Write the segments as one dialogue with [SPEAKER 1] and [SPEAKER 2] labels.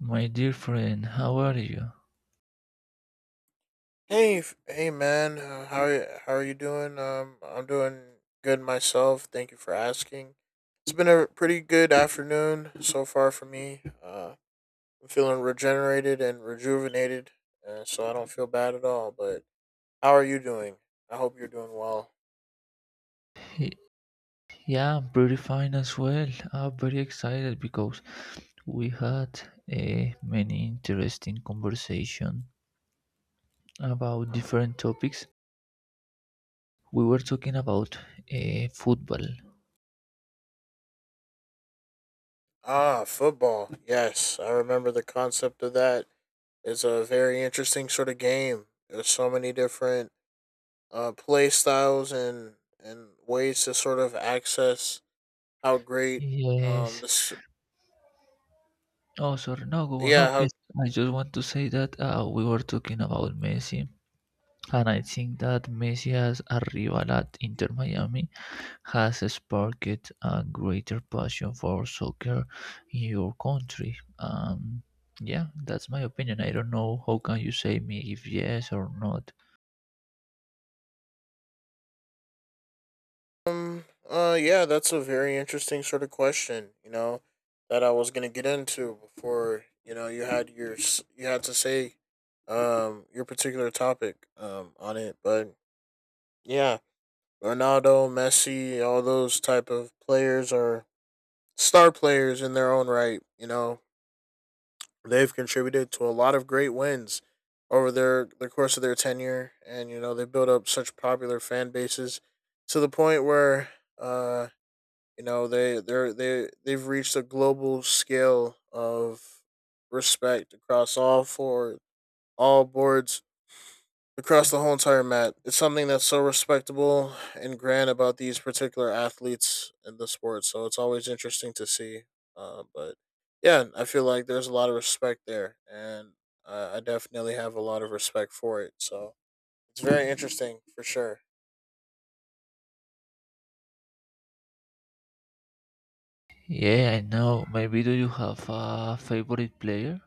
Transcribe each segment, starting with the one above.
[SPEAKER 1] My dear friend, how are you?
[SPEAKER 2] Hey, man. How are you doing? I'm doing good myself. Thank you for asking. It's been a pretty good afternoon so far for me. I'm feeling regenerated and rejuvenated, so I don't feel bad at all. But how are you doing? I hope you're doing well.
[SPEAKER 1] Y- Yeah, I'm pretty fine as well. I'm very excited because we had a many interesting conversation about different topics. We were talking about football.
[SPEAKER 2] Ah, football. Yes, I remember the concept of that. It's a very interesting sort of game. There's so many different play styles and ways to sort of access how great.
[SPEAKER 1] Yes.
[SPEAKER 2] This.
[SPEAKER 1] Oh, sorry. No, go on. No,
[SPEAKER 2] Yeah
[SPEAKER 1] please.
[SPEAKER 2] how.
[SPEAKER 1] I just want to say that we were talking about Messi, and I think that Messi has arrived at Inter Miami has sparked a greater passion for soccer in your country? Yeah, that's my opinion. I don't know how can you say me if yes or not.
[SPEAKER 2] Yeah, that's a very interesting sort of question, you know, that I was gonna get into before, you know, you had your you had to say your particular topic on it, but yeah, Ronaldo, Messi, all those type of players are star players in their own right, you know. They've contributed to a lot of great wins over the course of their tenure, and you know they built up such popular fan bases to the point where uh, you know they've reached a global scale of respect across all boards across the whole entire mat. It's something that's so respectable and grand about these particular athletes in the sport. So it's always interesting to see. But yeah, I feel like there's a lot of respect there, and I definitely have a lot of respect for it. So it's very interesting for sure.
[SPEAKER 1] Yeah, I know. Maybe do you have a favorite player?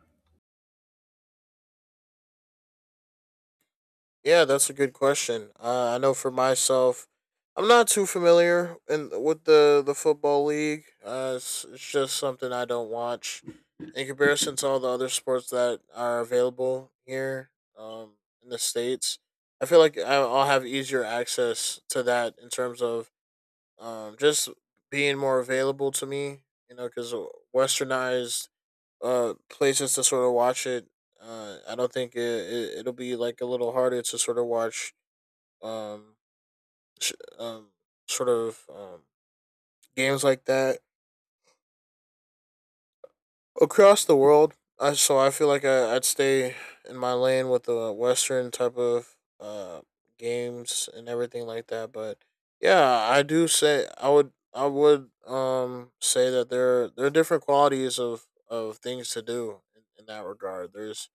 [SPEAKER 2] Yeah, that's a good question. I know for myself, I'm not too familiar in with the football league. It's just something I don't watch in comparison to all the other sports that are available here um, in the states. I feel like I'll have easier access to that in terms of just being more available to me. You know, because westernized places to sort of watch it. I don't think it'll be like a little harder to sort of watch um sh- um sort of games like that across the world. I So I feel like I'd stay in my lane with the Western type of games and everything like that. But yeah, I do say I would say that there are different qualities of things to do in that regard. There's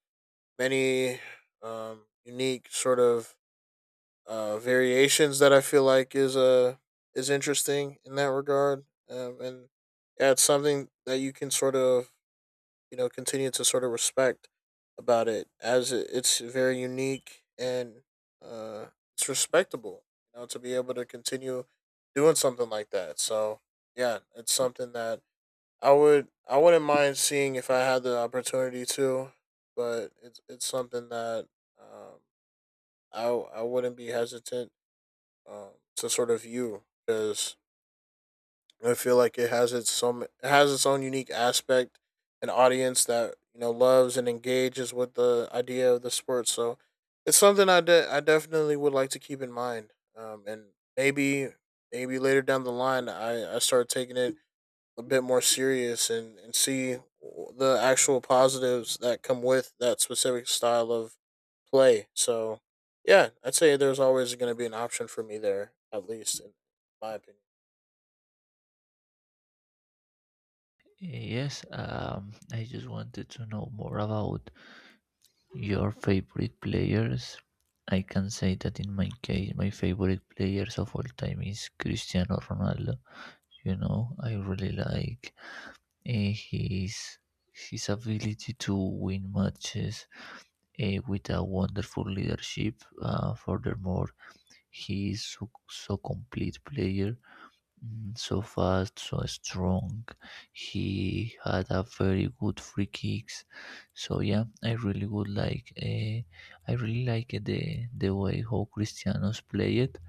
[SPEAKER 2] many unique sort of variations that I feel like is interesting in that regard, and yeah, it's something that you can sort of, you know, continue to sort of respect about it, as it's very unique and uh, it's respectable, you know, to be able to continue doing something like that. So yeah, it's something that I wouldn't mind seeing if I had the opportunity to, but it's something that um, I wouldn't be hesitant, um, to sort of view, because I feel like it has its some it has its own unique aspect, an audience that, you know, loves and engages with the idea of the sport. So it's something I definitely would like to keep in mind, and maybe maybe later down the line I start taking it a bit more serious, and see the actual positives that come with that specific style of play. So, yeah, I'd say there's always going to be an option for me there, at least in my opinion.
[SPEAKER 1] Yes, I just wanted to know more about your favorite players. I can say that in my case, my favorite players of all time is Cristiano Ronaldo. You know, I really like eh, his his ability to win matches with a wonderful leadership. Furthermore, he is so, so complete player, so fast, so strong. He had a very good free kicks. So yeah, I really would like. I really like the way how Cristiano's played.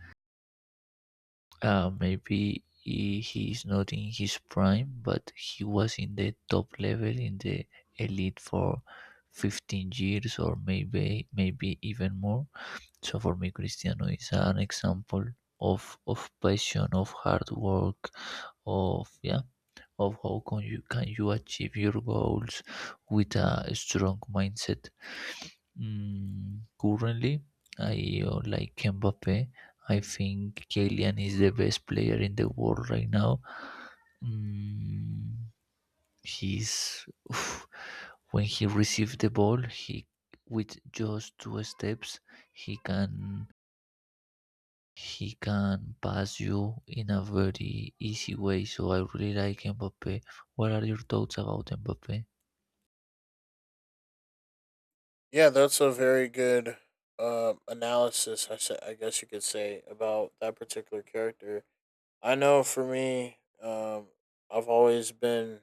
[SPEAKER 1] Maybe he is not in his prime, but he was in the top level in the elite for 15 years or maybe even more. So for me, Cristiano is an example of passion, of hard work, of yeah, of how can you achieve your goals with a strong mindset. Currently, I like Mbappe. I think Kylian is the best player in the world right now. Mm, he's oof, when he receives the ball, he with just two steps, he can he can pass you in a very easy way. So I really like Mbappe. What are your thoughts about Mbappe?
[SPEAKER 2] Yeah, that's a very good analysis, I guess you could say, about that particular character. I know for me, I've always been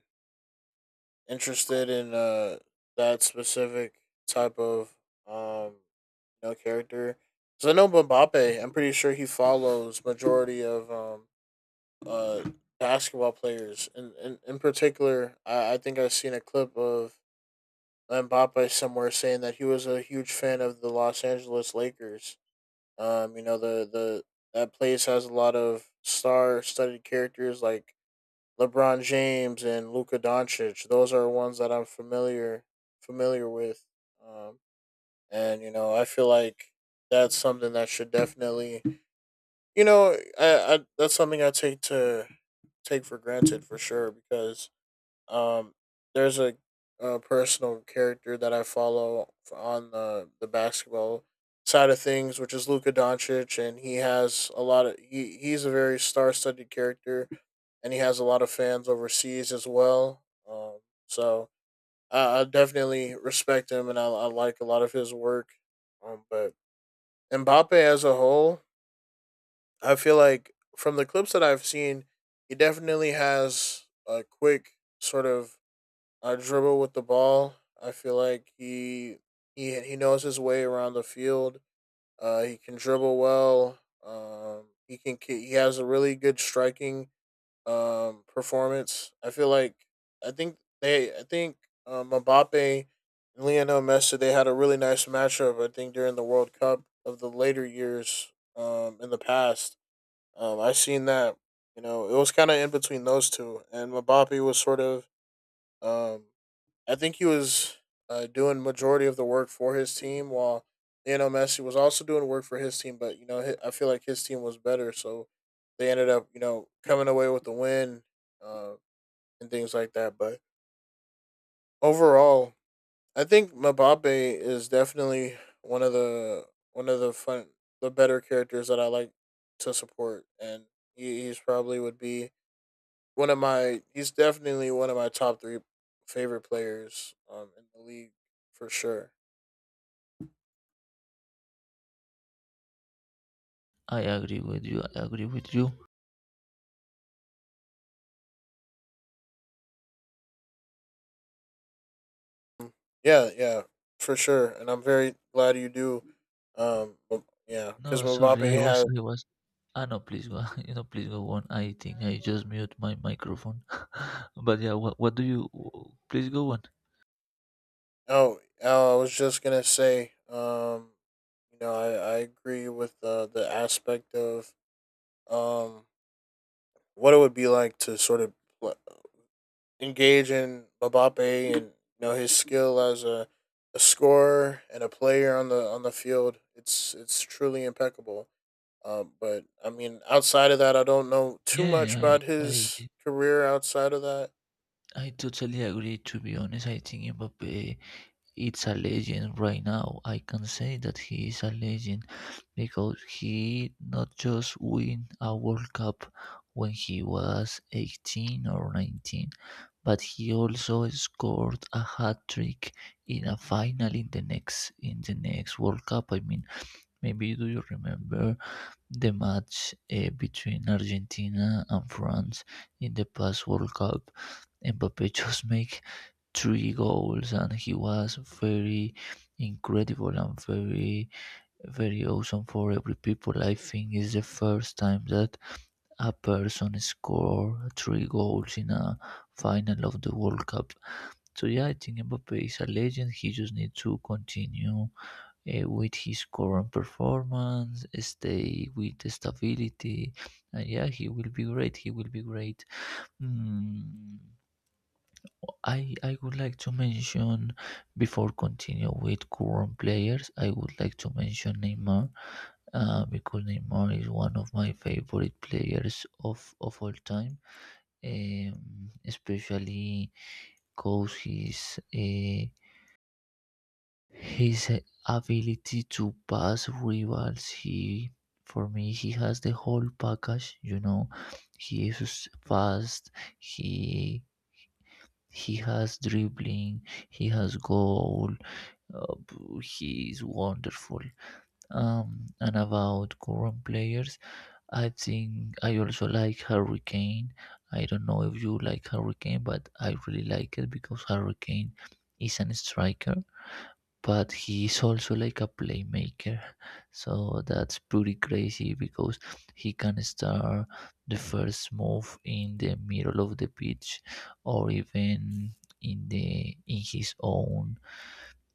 [SPEAKER 2] interested in that specific type of um, female character. So I know Mbappe. I'm pretty sure he follows majority of uh basketball players, and in particular, I think I've seen a clip of Mbappe somewhere saying that he was a huge fan of the Los Angeles Lakers. You know the that place has a lot of star-studded characters like LeBron James and Luka Doncic. Those are ones that I'm familiar with. Um, and you know I feel like that's something that should definitely, you know. I That's something I take for granted for sure, because um there's a personal character that I follow on the basketball side of things, which is Luka Doncic, and he has a lot of he's a very star-studded character, and he has a lot of fans overseas as well, so I definitely respect him, and I like a lot of his work, but Mbappe as a whole, I feel like from the clips that I've seen, he definitely has a quick sort of dribble with the ball. I feel like he knows his way around the field. He can dribble well. He can he has a really good striking performance. I feel like I think Mbappe and Lionel Messi they had a really nice matchup, I think, during the World Cup of the later years, in the past. I seen that, you know, it was kinda in between those two, and Mbappe was sort of, um I think he was doing majority of the work for his team, while Lionel Messi was also doing work for his team. But you know, I feel like his team was better, so they ended up, you know, coming away with the win, uh, and things like that. But overall, I think Mbappe is definitely one of the one of the fun, better characters that I like to support, and he, he's probably would be one of my. He's definitely one of my top three favorite players, in the league for sure.
[SPEAKER 1] I agree with you. I agree with you.
[SPEAKER 2] Mm. Yeah, yeah, for sure. And I'm very glad you do. Yeah, because
[SPEAKER 1] No, sorry, I
[SPEAKER 2] Mbappe
[SPEAKER 1] was
[SPEAKER 2] has.
[SPEAKER 1] I was Ah no, please go. You know, please go on. I think I just mute my microphone. But yeah, what do you? Please go on.
[SPEAKER 2] Oh, oh, I was just gonna say. You know, I agree with the aspect of um what it would be like to sort of pl- engage in Mbappe and, you know, his skill as a scorer and a player on the field. It's truly impeccable. But I mean, outside of that, I don't know too much
[SPEAKER 1] Yeah,
[SPEAKER 2] about
[SPEAKER 1] I
[SPEAKER 2] his
[SPEAKER 1] I
[SPEAKER 2] career. Outside of that,
[SPEAKER 1] I totally agree. To be honest, I think Mbappe it's a legend right now. I can say that he is a legend because he not just win a World Cup when he was 18 or 19, but he also scored a hat trick in a final in the next World Cup. I mean, maybe do you remember the match between Argentina and France in the past World Cup? Mbappe just make 3 goals and he was very incredible and very very awesome for every people. I think it's the first time that a person scored 3 goals in a final of the World Cup. So yeah, I think Mbappe is a legend. He just needs to continue with his current performance, stay with stability, and yeah, he will be great, he will be great. Mm, I would like to mention before continue with current players. I would like to mention Neymar because Neymar is one of my favorite players of all time. Especially because his ability to pass rivals. He for me he has the whole package. You know, he is fast. He he has dribbling. He has goal. He is wonderful. And about current players, I think I also like Hurricane. I don't know if you like Hurricane, but I really like it because Hurricane is an striker, but he is also like a playmaker. So that's pretty crazy because he can start the first move in the middle of the pitch or even in the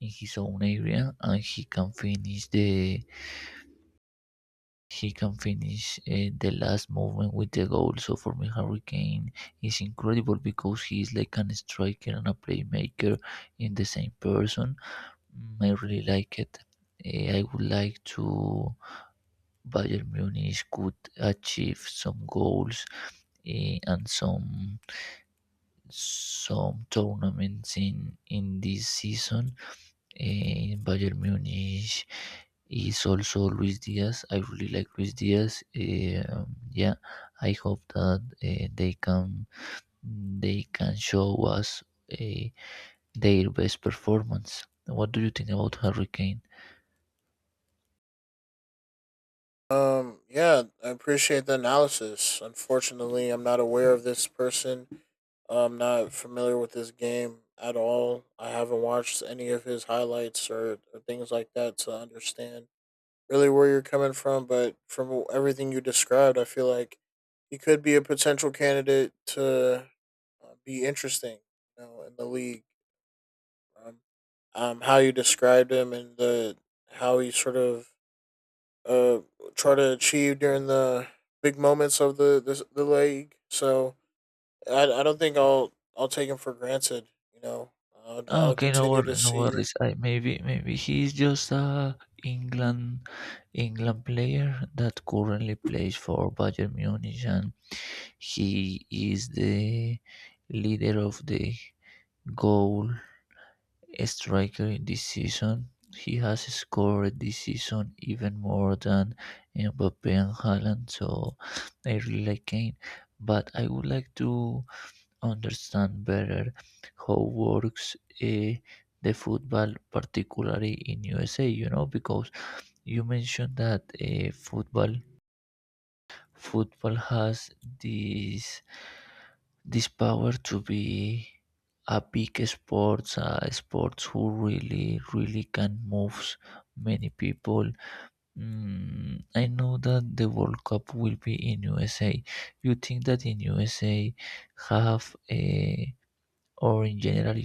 [SPEAKER 1] in his own area, and he can finish the he can finish the last movement with the goal. So for me, Harry Kane is incredible because he is like an striker and a playmaker in the same person. Mm, I really like it. I would like to Bayern Munich could achieve some goals and some tournaments in this season. Eh, Bayern Munich is also Luis Diaz. I really like Luis Diaz. Yeah, I hope that they can show us uh, their best performance. What do you think about Harry Kane?
[SPEAKER 2] yeah, I appreciate the analysis. Unfortunately, I'm not aware of this person. I'm not familiar with this game at all. I haven't watched any of his highlights or things like that to understand really where you're coming from, but from everything you described, I feel like he could be a potential candidate to, be interesting, you know, in the league. Um, how you described him and the how he sort of uh try to achieve during the big moments of the league. So I don't think I'll take him for granted. You know,
[SPEAKER 1] Ah,
[SPEAKER 2] I'll
[SPEAKER 1] okay, no
[SPEAKER 2] continue to
[SPEAKER 1] worries, no
[SPEAKER 2] see.
[SPEAKER 1] worries. I maybe maybe he's just a England England player that currently plays for Bayern Munich, and he is the leader of the goal striker this season. He has scored this season even more than Mbappe and Haaland, so I really like Kane. But I would like to understand better how works uh, the football, particularly in USA. You know, because you mentioned that football football has this this power to be a big sports, a sports who really, really can move many people. Mm, I know that the World Cup will be in USA. You think that in USA have a or in general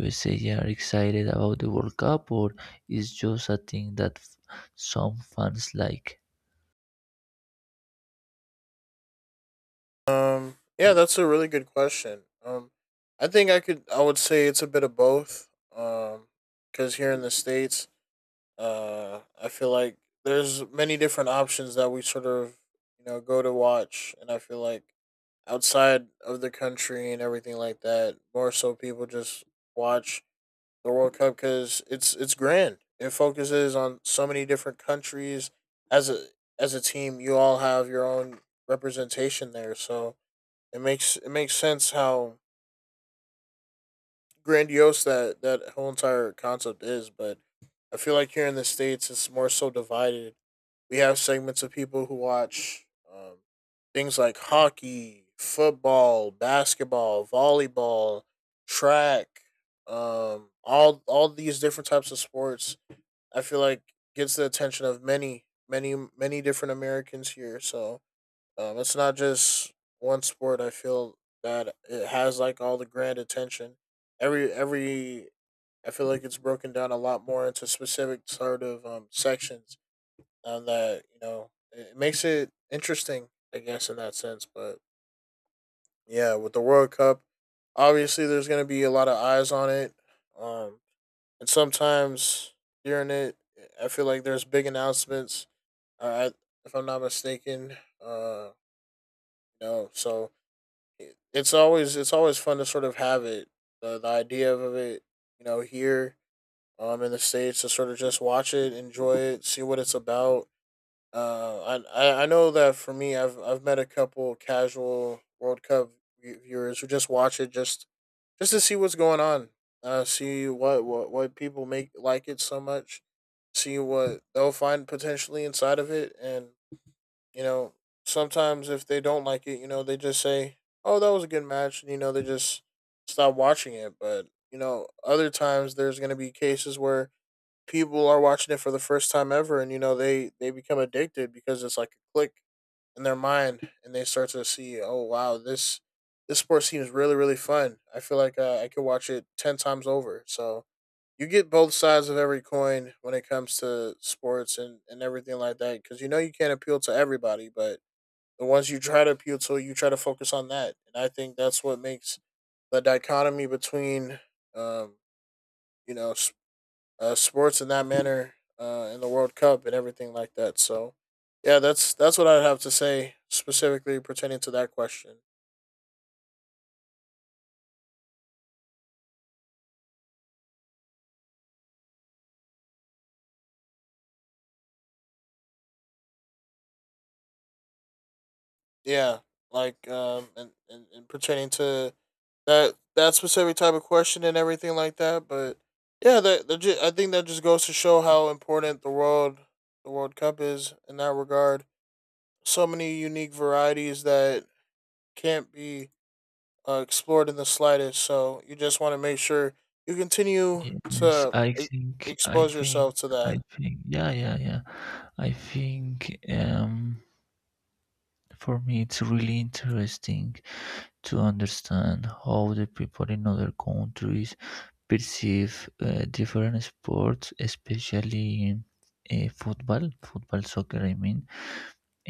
[SPEAKER 1] USA are excited about the World Cup, or is just a thing that some fans like?
[SPEAKER 2] Yeah, that's a really good question. I think I could, I would say it's a bit of both. Um, because here in the states, I feel like there's many different options that we sort of, you know, go to watch, and I feel like outside of the country and everything like that, more so people just watch the World Cup because it's grand. It focuses on so many different countries. As a as a team, you all have your own representation there, so it makes sense how grandiose that that whole entire concept is, but I feel like here in the states it's more so divided. We have segments of people who watch um, things like hockey, football, basketball, volleyball, track, all these different types of sports. I feel like gets the attention of many, many, many different Americans here. So it's not just one sport. I feel that it has like all the grand attention. Every I feel like it's broken down a lot more into specific sort of sections. That you know it makes it interesting, I guess, in that sense. But yeah, with the World Cup, obviously there's going to be a lot of eyes on it. Um, and sometimes during it, I feel like there's big announcements. Uh, I- if I'm not mistaken, you know, so it's always fun to sort of have it the idea of it, here, in the states, to sort of just watch it, enjoy it, see what it's about. uh I know that for me, I've met a couple casual world cup viewers who just watch it just to see what's going on, see what people make like it so much, see what they'll find potentially inside of it. And you know, sometimes if they don't like it, they just say, "Oh, that was a good match," and they just stop watching it. But you know, other times there's going to be cases where people are watching it for the first time ever, and you know, they become addicted because it's like a click in their mind, and they start to see, "Oh, wow, this. This sport seems really, really fun. I feel like I could watch it 10 times over." So, you get both sides of every coin when it comes to sports and, everything like that, because you know you can't appeal to everybody. But the ones you try to appeal to, you try to focus on that. And I think that's what makes the dichotomy between, um, you know, s- sports in that manner, in the World Cup and everything like that. So, yeah, that's what I'd have to say specifically pertaining to that question. Yeah, and pertaining to that specific type of question and everything like that. But yeah, I think that just goes to show how important the World Cup is in that regard. So many unique varieties that can't be explored in the slightest. So you just want to make sure you continue
[SPEAKER 1] Yes,
[SPEAKER 2] to expose yourself to that.
[SPEAKER 1] yeah, I think for me it's really interesting to understand how the people in other countries perceive different sports, especially football, soccer, I mean,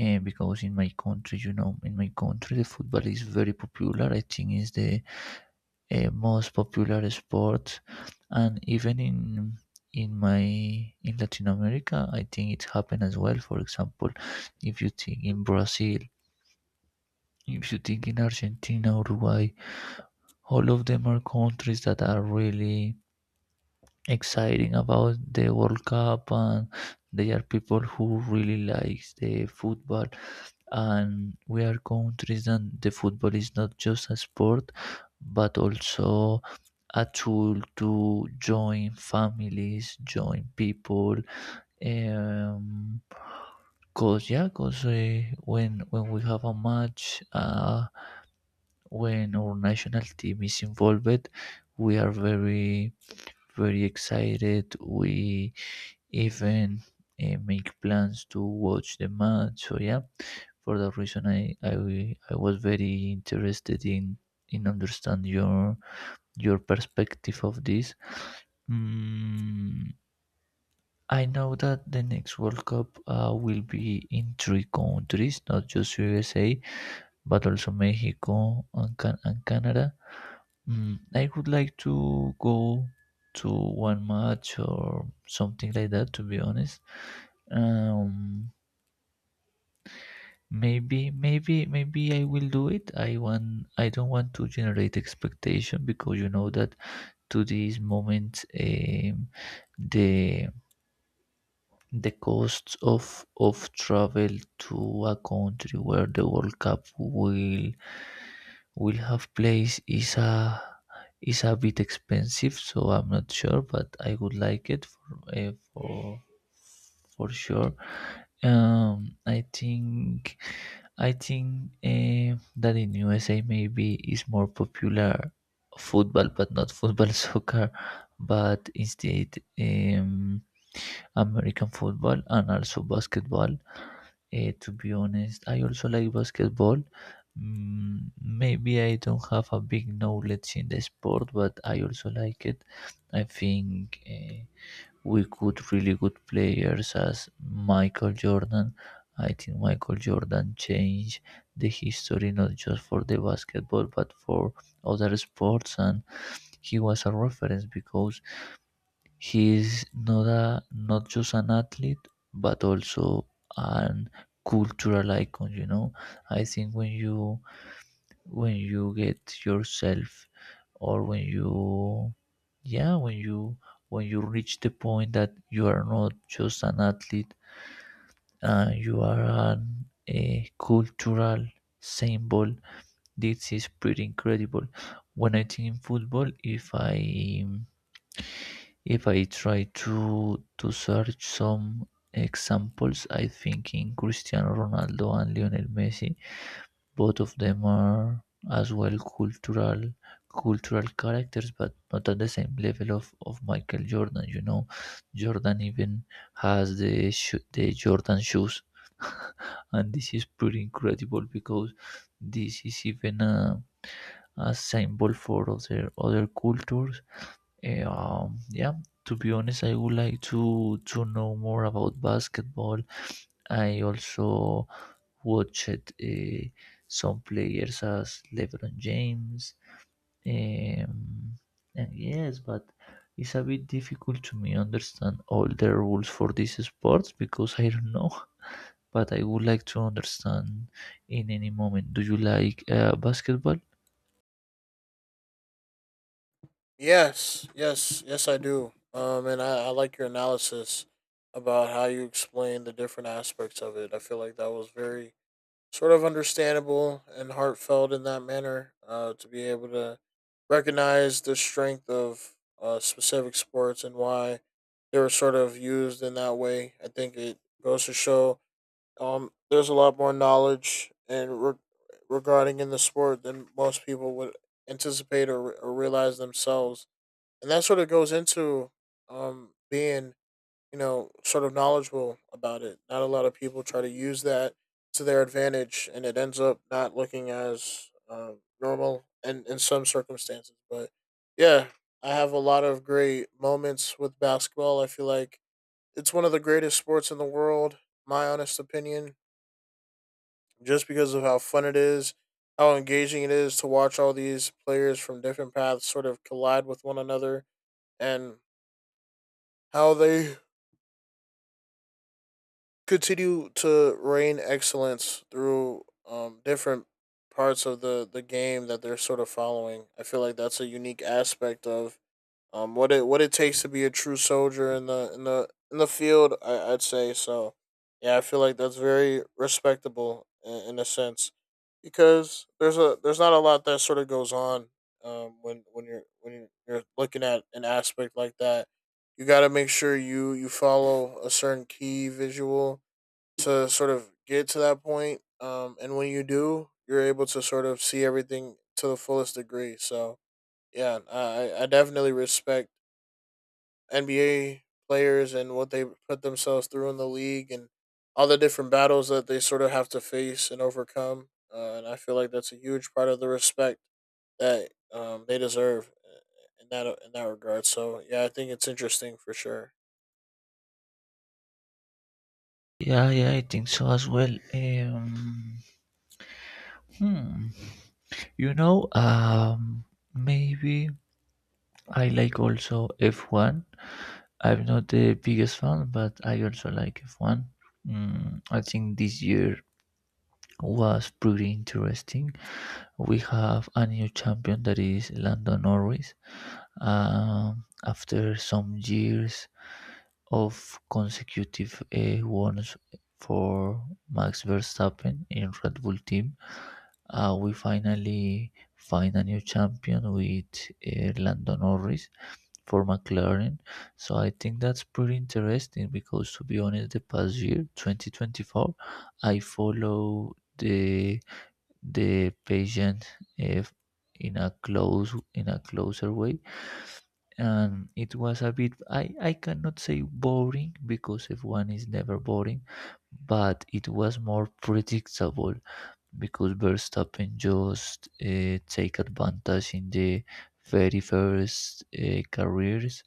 [SPEAKER 1] because in my country, you know, in my country the football is very popular. I think it's the a most popular sport and even in my in Latin America. I think it happened as well. For example, if you think in Brazil, if you think in Argentina, Uruguay, all of them are countries that are really exciting about the World Cup, and they are people who really likes the football, and we are countries that the football is not just a sport, but also a tool to join families, join people. Um, cause yeah, cause when we have a match, when our national team is involved, we are very very excited. We even make plans to watch the match. So yeah, for that reason, I was very interested in understand your perspective of this. Mm, I know that the next World Cup will be in 3 countries, not just USA, but also Mexico and, and Canada. Mm, I would like to go to one match or something like that. To be honest, um, maybe I will do it. I want. I don't want to generate expectation because you know that to this moment, the The costs of travel to a country where the World Cup will have place is a bit expensive, so I'm not sure, but I would like it for sure. Um, I think I think that in USA maybe is more popular football, but not football soccer, but instead um, American football and also basketball. Eh, to be honest, I also like basketball. Mm, maybe I don't have a big knowledge in the sport, but I also like it. I think we could really good players as Michael Jordan. I think Michael Jordan changed the history not just for the basketball but for other sports, and he was a reference because he is not a not just an athlete, but also an cultural icon. You know, I think when you get yourself, or when you, yeah, when you reach the point that you are not just an athlete, you are an, a cultural symbol. This is pretty incredible. When I think in football, if I try to search some examples, I think in Cristiano Ronaldo and Lionel Messi, both of them are as well cultural cultural characters, but not at the same level of Michael Jordan. You know, Jordan even has the sho the Jordan shoes, and this is pretty incredible because this is even a symbol for other other cultures. Yeah, to be honest, I would like to know more about basketball. I also watched some players as LeBron James. Um, and yes, but it's a bit difficult to me understand all the rules for these sports because I don't know. But I would like to understand in any moment. Do you like basketball?
[SPEAKER 2] Yes, yes, yes, I do. And I like your analysis about how you explain the different aspects of it. I feel like that was very sort of understandable and heartfelt in that manner. To be able to recognize the strength of specific sports and why they were sort of used in that way. I think it goes to show, there's a lot more knowledge and regarding in the sport than most people would anticipate or realize themselves, and that sort of goes into being, you know, sort of knowledgeable about it. Not a lot of people try to use that to their advantage, and it ends up not looking as normal in some circumstances. But yeah, I have a lot of great moments with basketball. I feel like it's one of the greatest sports in the world, my honest opinion, just because of how fun it is, how engaging it is to watch all these players from different paths sort of collide with one another, and how they continue to reign excellence through, different parts of the game that they're sort of following. I feel like that's a unique aspect of what it takes to be a true soldier in the in the field, I, I'd say. So yeah, I feel like that's very respectable in a sense, because there's a there's not a lot that sort of goes on, when you're looking at an aspect like that. You got to make sure you follow a certain key visual to sort of get to that point. And when you do, you're able to sort of see everything to the fullest degree. So yeah, I definitely respect NBA players and what they put themselves through in the league and all the different battles that they sort of have to face and overcome. And I feel like that's a huge part of the respect that, they deserve, in that, in that regard. So yeah, I think it's interesting for sure.
[SPEAKER 1] Yeah, yeah, I think so as well. Hmm. You know, maybe I like also F1. I'm not the biggest fan, but I also like F1. Mm, I think this year was pretty interesting. We have a new champion that is Lando Norris. After some years of consecutive wins for Max Verstappen in Red Bull team, we finally find a new champion with Lando Norris for McLaren. So I think that's pretty interesting because, to be honest, the past year, 2024, I follow the patient uh, in a closer way, and it was a bit I cannot say boring because F1 is never boring, but it was more predictable because Verstappen just take advantage in the very first careers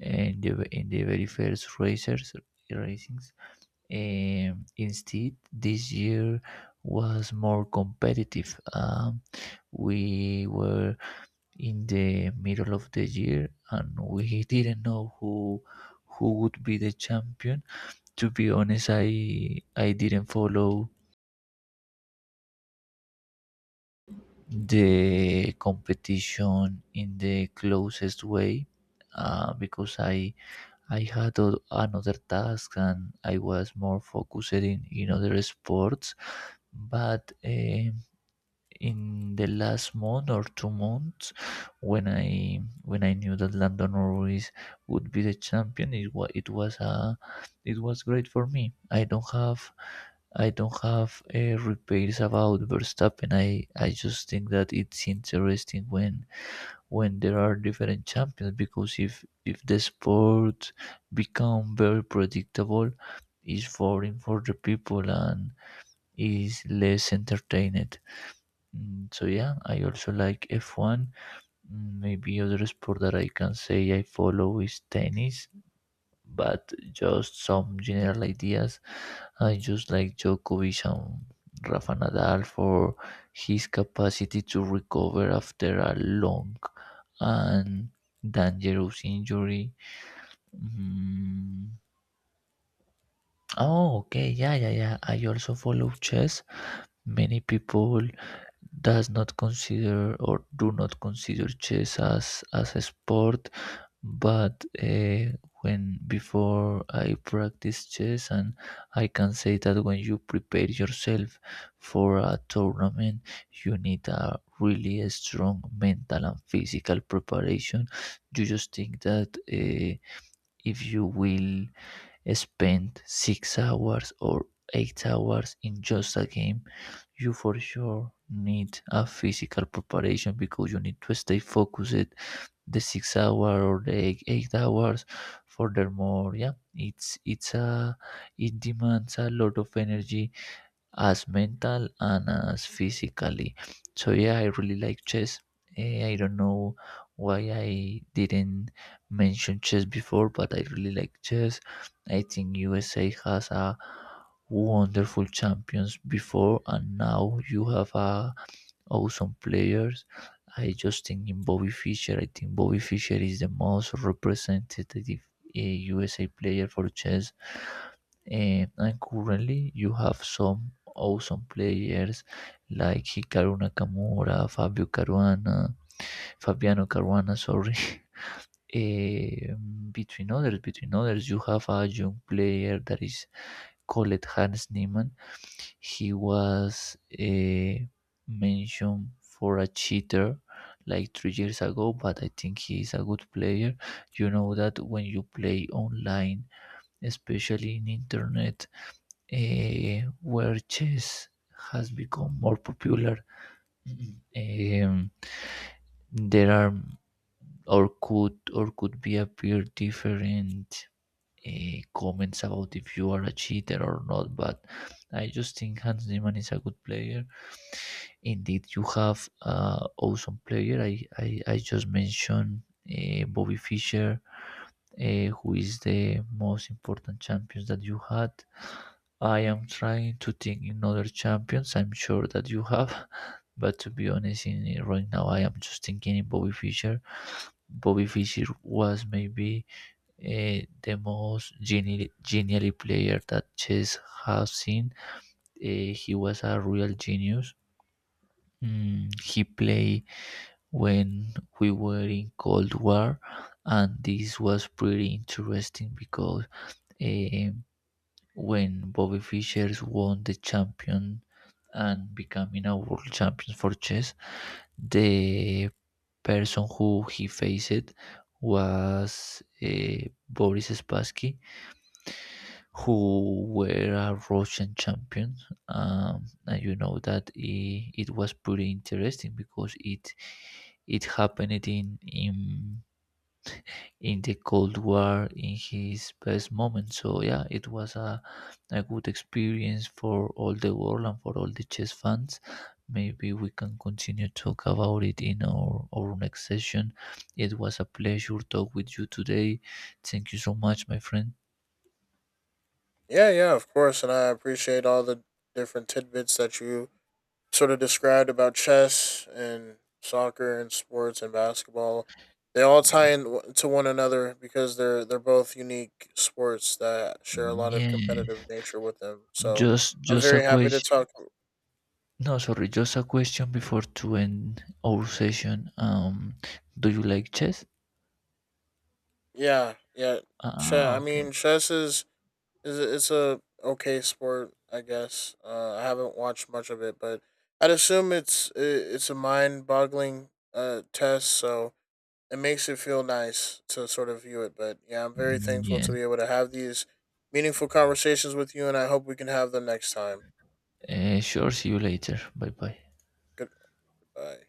[SPEAKER 1] and in the very first racers racings. Instead, this year was more competitive. We were in the middle of the year and we didn't know who would be the champion. To be honest, I didn't follow the competition in the closest way because I had another task and I was more focused in other sports. But in the last month or 2 months, when I knew that Landon Ruiz would be the champion, it was great for me. I don't have repays about Verstappen. I just think that it's interesting when there are different champions because if the sport become very predictable, it's boring for the people and is less entertained. Mm. So yeah, I also like F1. Mm, Maybe other sport that I can say I follow is tennis, but just some general ideas. I just like Djokovic and Rafa Nadal for his capacity to recover after a long and dangerous injury. Mm, Oh, okay, yeah, yeah, yeah. I also follow chess. Many people does not consider or do not consider chess as a sport, but when before I practice chess, and I can say that when you prepare yourself for a tournament, you need a really strong mental and physical preparation. You just think that if you will spend 6 hours or 8 hours in just a game, you for sure need a physical preparation because you need to stay focused the 6 hour or the 8 hours. Furthermore, yeah, it demands a lot of energy as mental and as physically. So yeah, I really like chess. I don't know why I didn't mention chess before, but I really like chess. I think USA has a wonderful champions before, and now you have a awesome players. I just think in Bobby Fischer. I think Bobby Fischer is the most representative uh, USA player for chess. And currently, you have some awesome players like Hikaru Nakamura, Fabio Caruana, Fabiano Caruana, sorry. Eh, Between others, you have a young player that is called Hans Niemann. He was mentioned for a cheater like 3 years ago, but I think he is a good player. You know that when you play online, especially in internet, where chess has become more popular, um, there are or could be appear different uh, comments about if you are a cheater or not. But I just think Hans Zimmer is a good player. Indeed, you have awesome player. I just mentioned Bobby Fischer, uh, who is the most important champions that you had. I am trying to think in other champions. I'm sure that you have, but to be honest, in right now I am just thinking in Bobby Fischer. Bobby Fischer was maybe the most genially player that chess has seen. He was a real genius. Mm, he played when we were in Cold War, and this was pretty interesting because um, when Bobby Fischer won the champion and becoming a world champion for chess, the person who he faced was Boris Spassky, who were a Russian champion. And you know that it was pretty interesting because it happened in the Cold War in his best moment. So yeah, it was a good experience for all the world and for all the chess fans. Maybe we can continue talk about it in our next session. It was a pleasure talk with you today. Thank you so much, my friend.
[SPEAKER 2] Yeah, yeah, of course, and I appreciate all the different tidbits that you sort of described about chess and soccer and sports and basketball. They all tie into one another, because they're both unique sports that share a lot of
[SPEAKER 1] Yeah.
[SPEAKER 2] competitive nature with them. So I'm
[SPEAKER 1] Just a
[SPEAKER 2] very happy to
[SPEAKER 1] question.
[SPEAKER 2] talk.
[SPEAKER 1] No, sorry, just a question before to end our session. Do you like chess?
[SPEAKER 2] Yeah, yeah. Chess.
[SPEAKER 1] Ah,
[SPEAKER 2] I
[SPEAKER 1] okay.
[SPEAKER 2] mean, chess is it's a okay sport, I guess. I haven't watched much of it, but I'd assume it's a mind boggling test. So it makes it feel nice to sort of view it. But yeah, I'm very
[SPEAKER 1] Mm,
[SPEAKER 2] thankful
[SPEAKER 1] Yeah.
[SPEAKER 2] to be able to have these meaningful conversations with you, and I hope we can have them next time.
[SPEAKER 1] Sure. See you later. Bye bye.
[SPEAKER 2] Goodbye.